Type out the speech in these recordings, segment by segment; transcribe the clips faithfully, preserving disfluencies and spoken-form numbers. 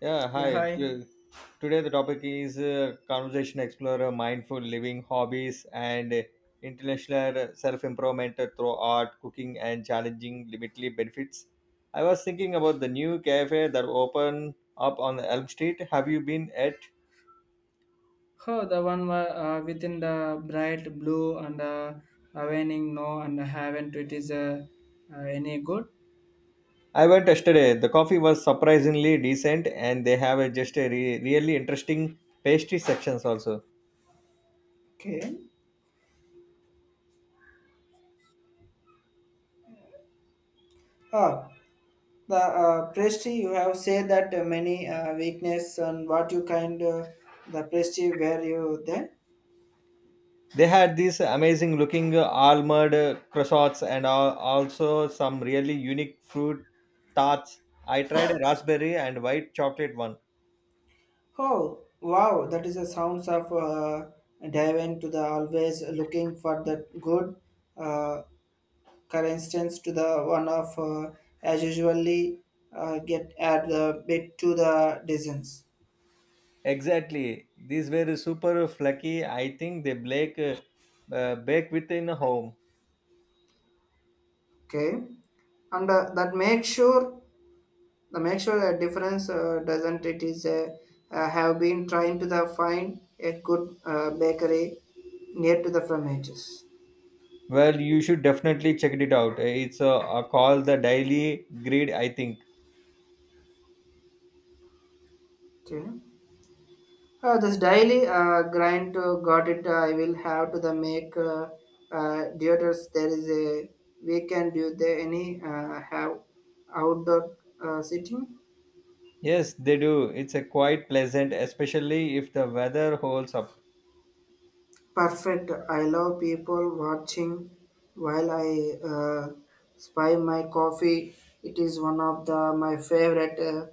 Yeah, Yeah, hi. hi. T- Today the topic is uh, conversation explorer, mindful living, hobbies, and uh, international self improvement through art, cooking, and challenging limitly benefits. I was thinking about the new cafe that opened up on Elm Street. Have you been at? Oh, the one wa- uh, within the bright blue and uh, waning no and haven't it is uh, uh, any good. I went yesterday. The coffee was surprisingly decent, and they have a just a re- really interesting pastry sections also. Okay. Ah, the uh, Presti, you have said that uh, many uh, weakness and what you kind uh, the Presti where you there. They had these amazing looking uh, almond uh, croissants and al- also some really unique fruit tarts. I tried a raspberry and white chocolate one. Oh, wow! That is the sounds of uh, dive into the always looking for that good. Uh, Instance, to the one of uh, as usually uh, get add the bit to the distance. Exactly. These were super flaky. I think they bake, uh, uh, bake within a home. Okay. And uh, that make sure the make sure that difference uh, doesn't it is uh, uh, have been trying to the find a good uh, bakery near to the from edges. Well, you should definitely check it out. It's a, a call the Daily Grid, I think. Okay. Uh, this daily uh, grind uh, got it. Uh, I will have to the make uh, uh, theaters. There is a weekend. Do they any uh, have outdoor uh, sitting? Yes, they do. It's a quite pleasant, especially if the weather holds up. Perfect. I love people watching while I uh, spy my coffee. It is one of the my favorite uh,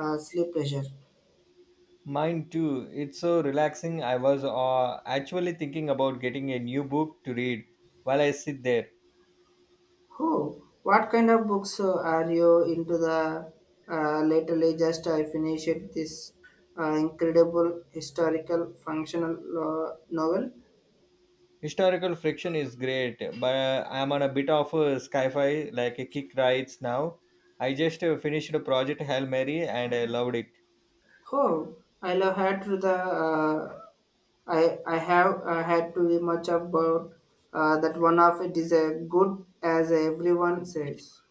uh, sleep pleasure. Mine too. It's so relaxing. I was uh, actually thinking about getting a new book to read while I sit there. Oh, what kind of books uh, are you into? The uh, lately, just I finished this uh, incredible historical functional uh, novel. Historical fiction is great, but I'm on a bit of a sci-fi like a kick right now. I just uh, finished a project Hail Mary and I loved it. Oh, I love had to the uh, I I have uh, had to be much about uh, that one of it is a good as everyone says.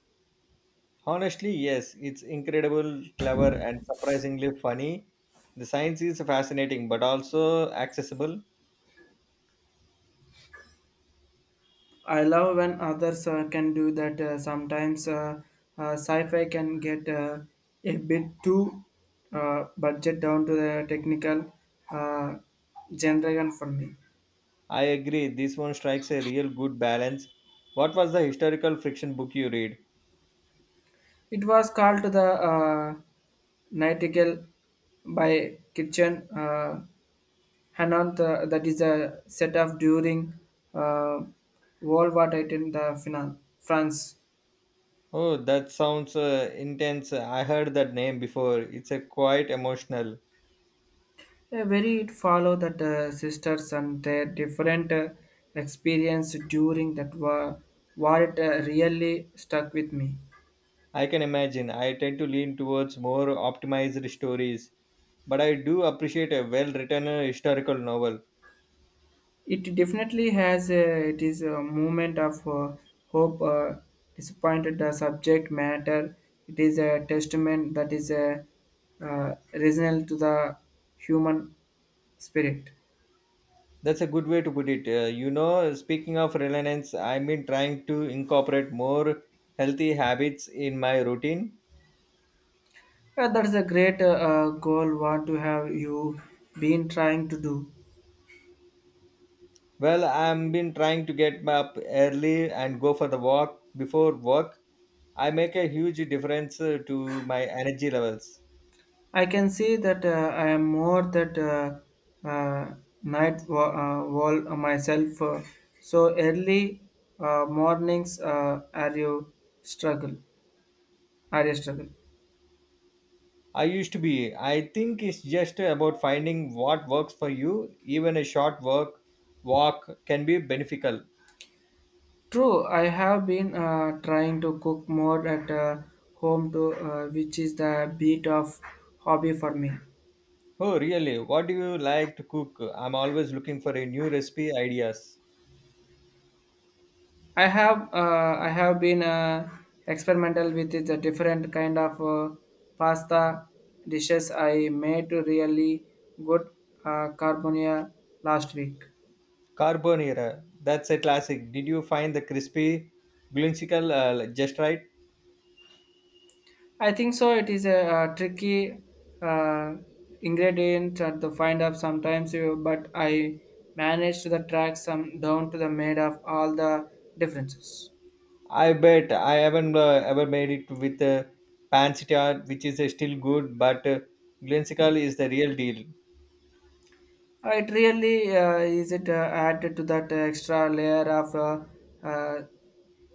Honestly, yes, it's incredible, clever, and surprisingly funny. The science is fascinating but also accessible. I love when others uh, can do that. Uh, sometimes uh, uh, sci-fi can get uh, a bit too uh, budget down to the technical uh, genre for me. I agree. This one strikes a real good balance. What was the historical fiction book you read? It was called the uh, Nightingale by Kitchen uh, Hanan. The, that is a set of during uh, World War Two in the Finan- France. Oh, that sounds uh, intense. I heard that name before. It's a quite emotional. Yeah, very it follow that the sisters and their different uh, experience during that war, war it uh, really stuck with me. I can imagine. I tend to lean towards more optimized stories, but I do appreciate a well-written uh, historical novel. It definitely has a, it is a moment of uh, hope, uh, disappointed the subject matter. It is a testament that is a uh, reasonable to the human spirit. That's a good way to put it. Uh, you know, speaking of reliance, I've been trying to incorporate more healthy habits in my routine. Yeah, that is a great uh, uh, goal. What to have you been trying to do? Well, I've been trying to get up early and go for the walk before work. I make a huge difference uh, to my energy levels. I can see that uh, I am more that uh, uh, night wa- uh, wall myself. uh, so early uh, mornings uh, are you struggle? Are you struggle? I used to be. I think it's just about finding what works for you. Even a short work walk can be beneficial. True, I have been uh, trying to cook more at uh, home to uh, which is the beat of hobby for me. Oh, really? What do you like to cook? I'm always looking for a new recipe ideas. I have uh, I have been uh, experimental with the different kind of uh, pasta dishes I made really good uh, carbonia last week. Carbonara. That's a classic. Did you find the crispy, whimsical uh, just right? I think so. It is a, uh tricky uh, ingredient at the find up sometimes, you, but I managed to the track some down to the made of all the differences. I bet I haven't uh, ever made it with uh, pancetta, which is uh, still good, but uh, whimsical is the real deal. Uh, It really uh, is it uh, added to that uh, extra layer of uh, uh,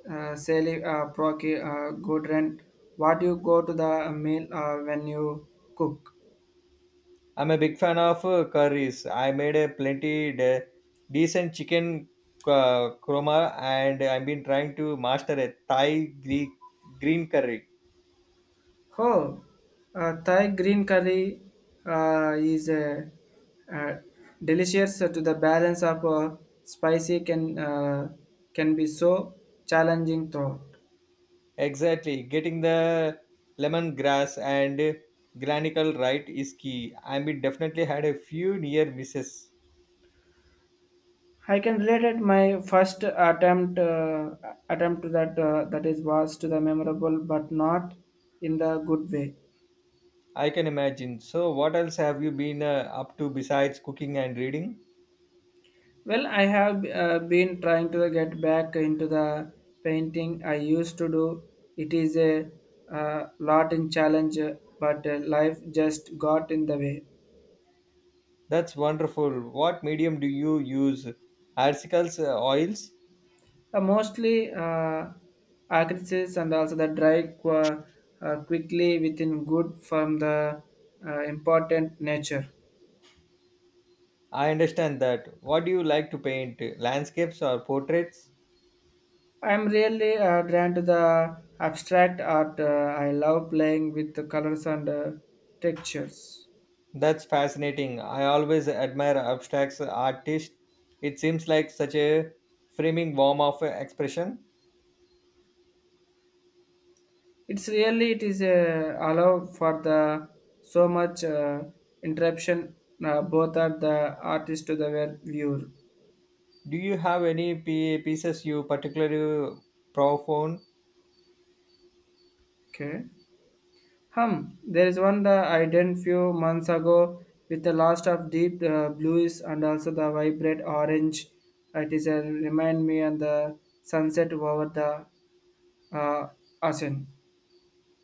uh, Sally uh, Procky uh, Goodrent, what you go to the meal uh, when you cook? I'm a big fan of uh, curries. I made a plenty de- decent chicken uh, korma, and I've been trying to master a Thai Greek green curry. Oh, uh, Thai green curry uh, is uh, uh, delicious to the balance of uh, spicy can uh, can be so challenging thought. Exactly, getting the lemongrass and granicle right is key. I mean, definitely had a few near misses. I can relate it my first attempt uh, attempt to that uh, that is was to the memorable but not in the good way. I can imagine. So, what else have you been uh, up to besides cooking and reading? Well, I have uh, been trying to get back into the painting I used to do. It is a uh, lot in challenge, but uh, life just got in the way. That's wonderful. What medium do you use? Articles, uh, oils? Uh, mostly uh, actresses and also the dry qu- uh, quickly within good from the uh, important nature. I understand that. What do you like to paint? Landscapes or portraits? I'm really uh, drawn to the abstract art. Uh, I love playing with the colors and uh, textures. That's fascinating. I always admire abstract artists. It seems like such a framing form of expression. It's really it is uh, allow for the so much uh, interruption uh, both are the artist to the well viewer. Do you have any p- pieces you particularly profound? Okay. Hum, there is one that I did few months ago with the last of deep uh, blues and also the vibrant orange. It is a remind me and the sunset over the uh, ocean.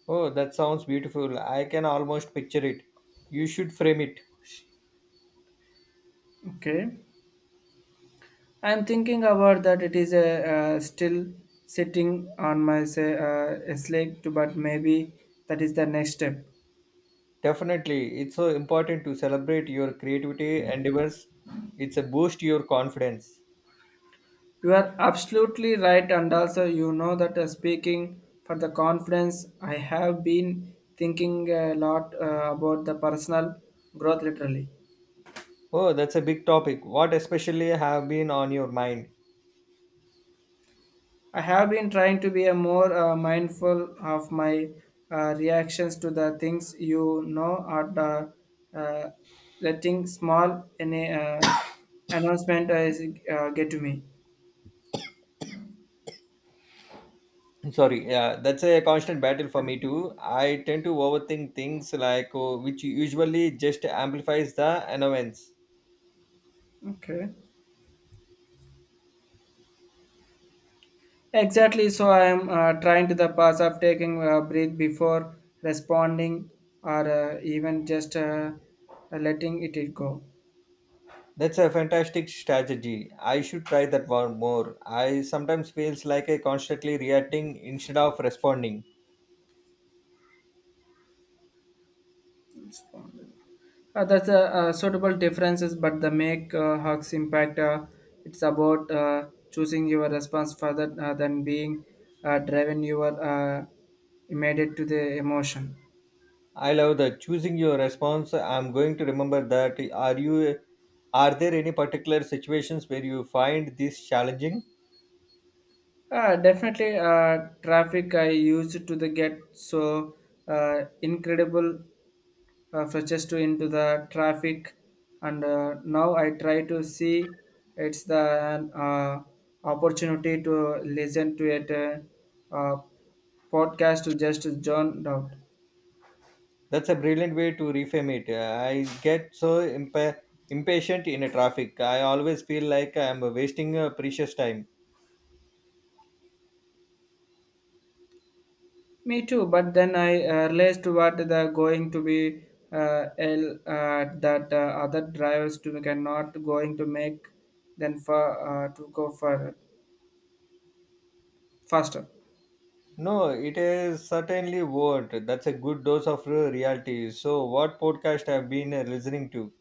Oh, that sounds beautiful. I can almost picture it. You should frame it. Okay. I'm thinking about that. It is a uh, still sitting on my say uh, a slate, but maybe that is the next step. Definitely, it's so important to celebrate your creativity endeavors. It's a boost to your confidence. You are absolutely right, and also you know that uh, speaking for the conference, I have been thinking a lot uh, about the personal growth literally. Oh, that's a big topic. What especially have been on your mind? I have been trying to be a more uh, mindful of my uh, reactions to the things you know at uh, uh, letting small any uh, announcement is, uh, get to me. Sorry, yeah, that's a constant battle for me too. I tend to overthink things like oh, which usually just amplifies the annoyance. Okay. Exactly. So I am uh, trying to the pass of taking a breath before responding or uh, even just uh, letting it go. That's a fantastic strategy. I should try that one more. I sometimes feels like I constantly reacting instead of responding. Uh, that's a uh, suitable differences, but the make uh, hugs impact. Uh, it's about uh, choosing your response further uh, than being uh, driven your uh, immediate to the emotion. I love that choosing your response. I'm going to remember that. Are you? Are there any particular situations where you find this challenging? Uh, definitely, uh, traffic I used to the get so uh, incredible uh, fetches to into the traffic and uh, now i try to see it's the uh, opportunity to listen to it uh, uh, podcast to just zone out. That's a brilliant way to reframe it. I get so impa- impatient in a traffic. I always feel like I'm wasting uh, precious time. Me too, but then i uh, realized what the going to be uh, L, uh, that uh, other drivers to cannot going to make then for uh, to go for faster. No, it is certainly won't. That's a good dose of uh, reality. So, what podcast I've been uh, listening to?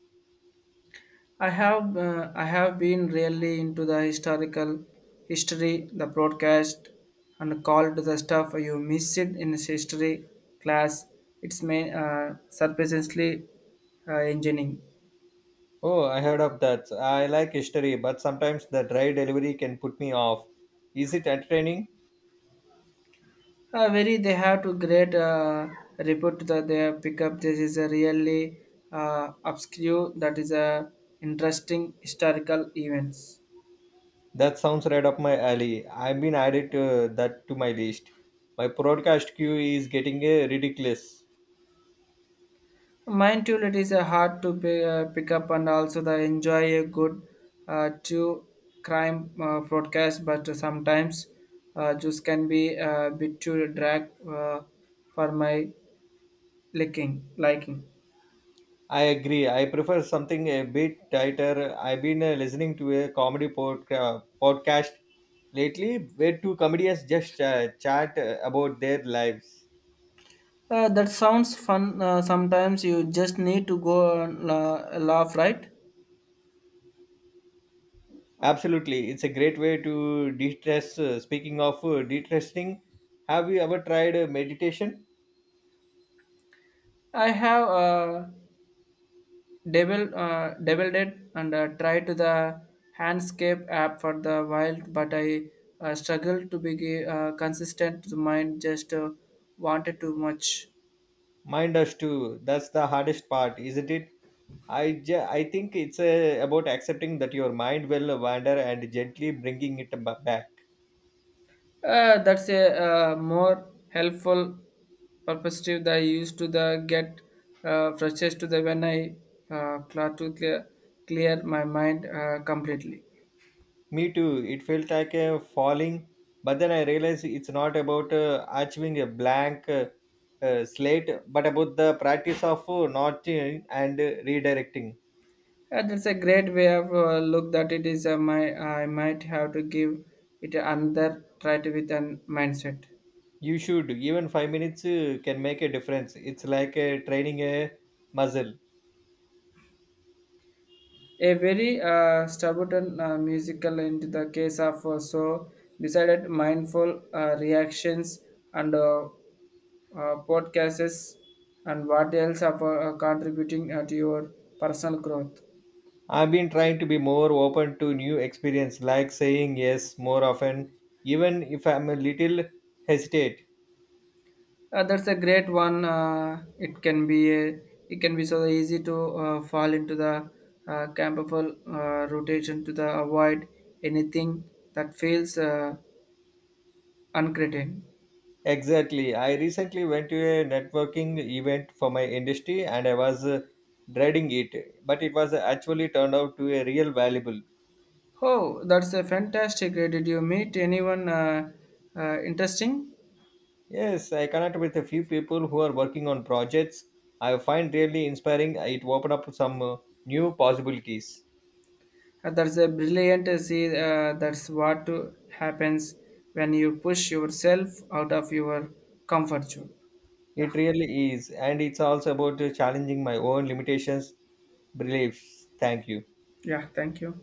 I have uh, I have been really into the historical history, the broadcast, and called the stuff you miss it in history class. It's main uh, surprisingly uh, engineering. Oh, I heard of that. I like history, but sometimes the dry delivery can put me off. Is it entertaining? Uh, very they have to great uh, report that they pick up. This is a really uh, obscure that is a interesting historical events. That sounds right up my alley. I've been added uh, that to my list. My podcast queue is getting uh, ridiculous. Mindfulness is a hard to be, uh, pick up and also the enjoy a good uh, true crime uh, broadcast, but uh, sometimes uh, just can be a bit too drag uh, for my liking liking. I agree. I prefer something a bit tighter. I've been uh, listening to a comedy podca- podcast lately where two comedians just uh, chat uh, about their lives. Uh, that sounds fun. Uh, sometimes you just need to go and la- laugh, right? Absolutely. It's a great way to de-stress. Uh, speaking of uh, de-stressing, have you ever tried uh, meditation? I have. Uh, Devil, uh, deviled it and uh, tried to the handscape app for the wild, but I uh, struggled to be uh, consistent. The mind just uh, wanted too much. Mind us too. That's the hardest part, isn't it? I, ju- I think it's uh, about accepting that your mind will wander and gently bringing it ba- back. Uh, that's a uh, more helpful perspective that I used to the get uh, frustrated to the when I uh, try to clear, clear my mind uh, completely. Me too. It felt like a falling, but then I realized it's not about uh, achieving a blank uh, uh, slate, but about the practice of uh, notching and uh, redirecting. Yeah, that's a great way of uh, look that it is uh, my I might have to give it another try to with an mindset. You should. Even five minutes uh, can make a difference. It's like uh, training a muscle. A very uh, stubborn uh, musical into the case of uh, so decided mindful uh, reactions and uh, uh, podcasts and what else are uh, contributing uh, to your personal growth. I've been trying to be more open to new experience, like saying yes more often, even if I'm a little hesitate. Uh, that's a great one. Uh, it can be a, it can be so easy to uh, fall into the uh, camperful uh, rotation to the avoid anything that feels uh, uncreated. Exactly. I recently went to a networking event for my industry and I was uh, dreading it, but it was actually turned out to a real valuable. Oh, that's a fantastic. Uh, Did you meet anyone uh, uh, interesting? Yes, I connected with a few people who are working on projects I find really inspiring. It opened up some uh, new possibilities. Uh, that's a brilliant. uh, See, uh, that's what to- happens when you push yourself out of your comfort zone. Yeah, It really is, and it's also about uh, challenging my own limitations, beliefs. Thank you. yeah. Thank you.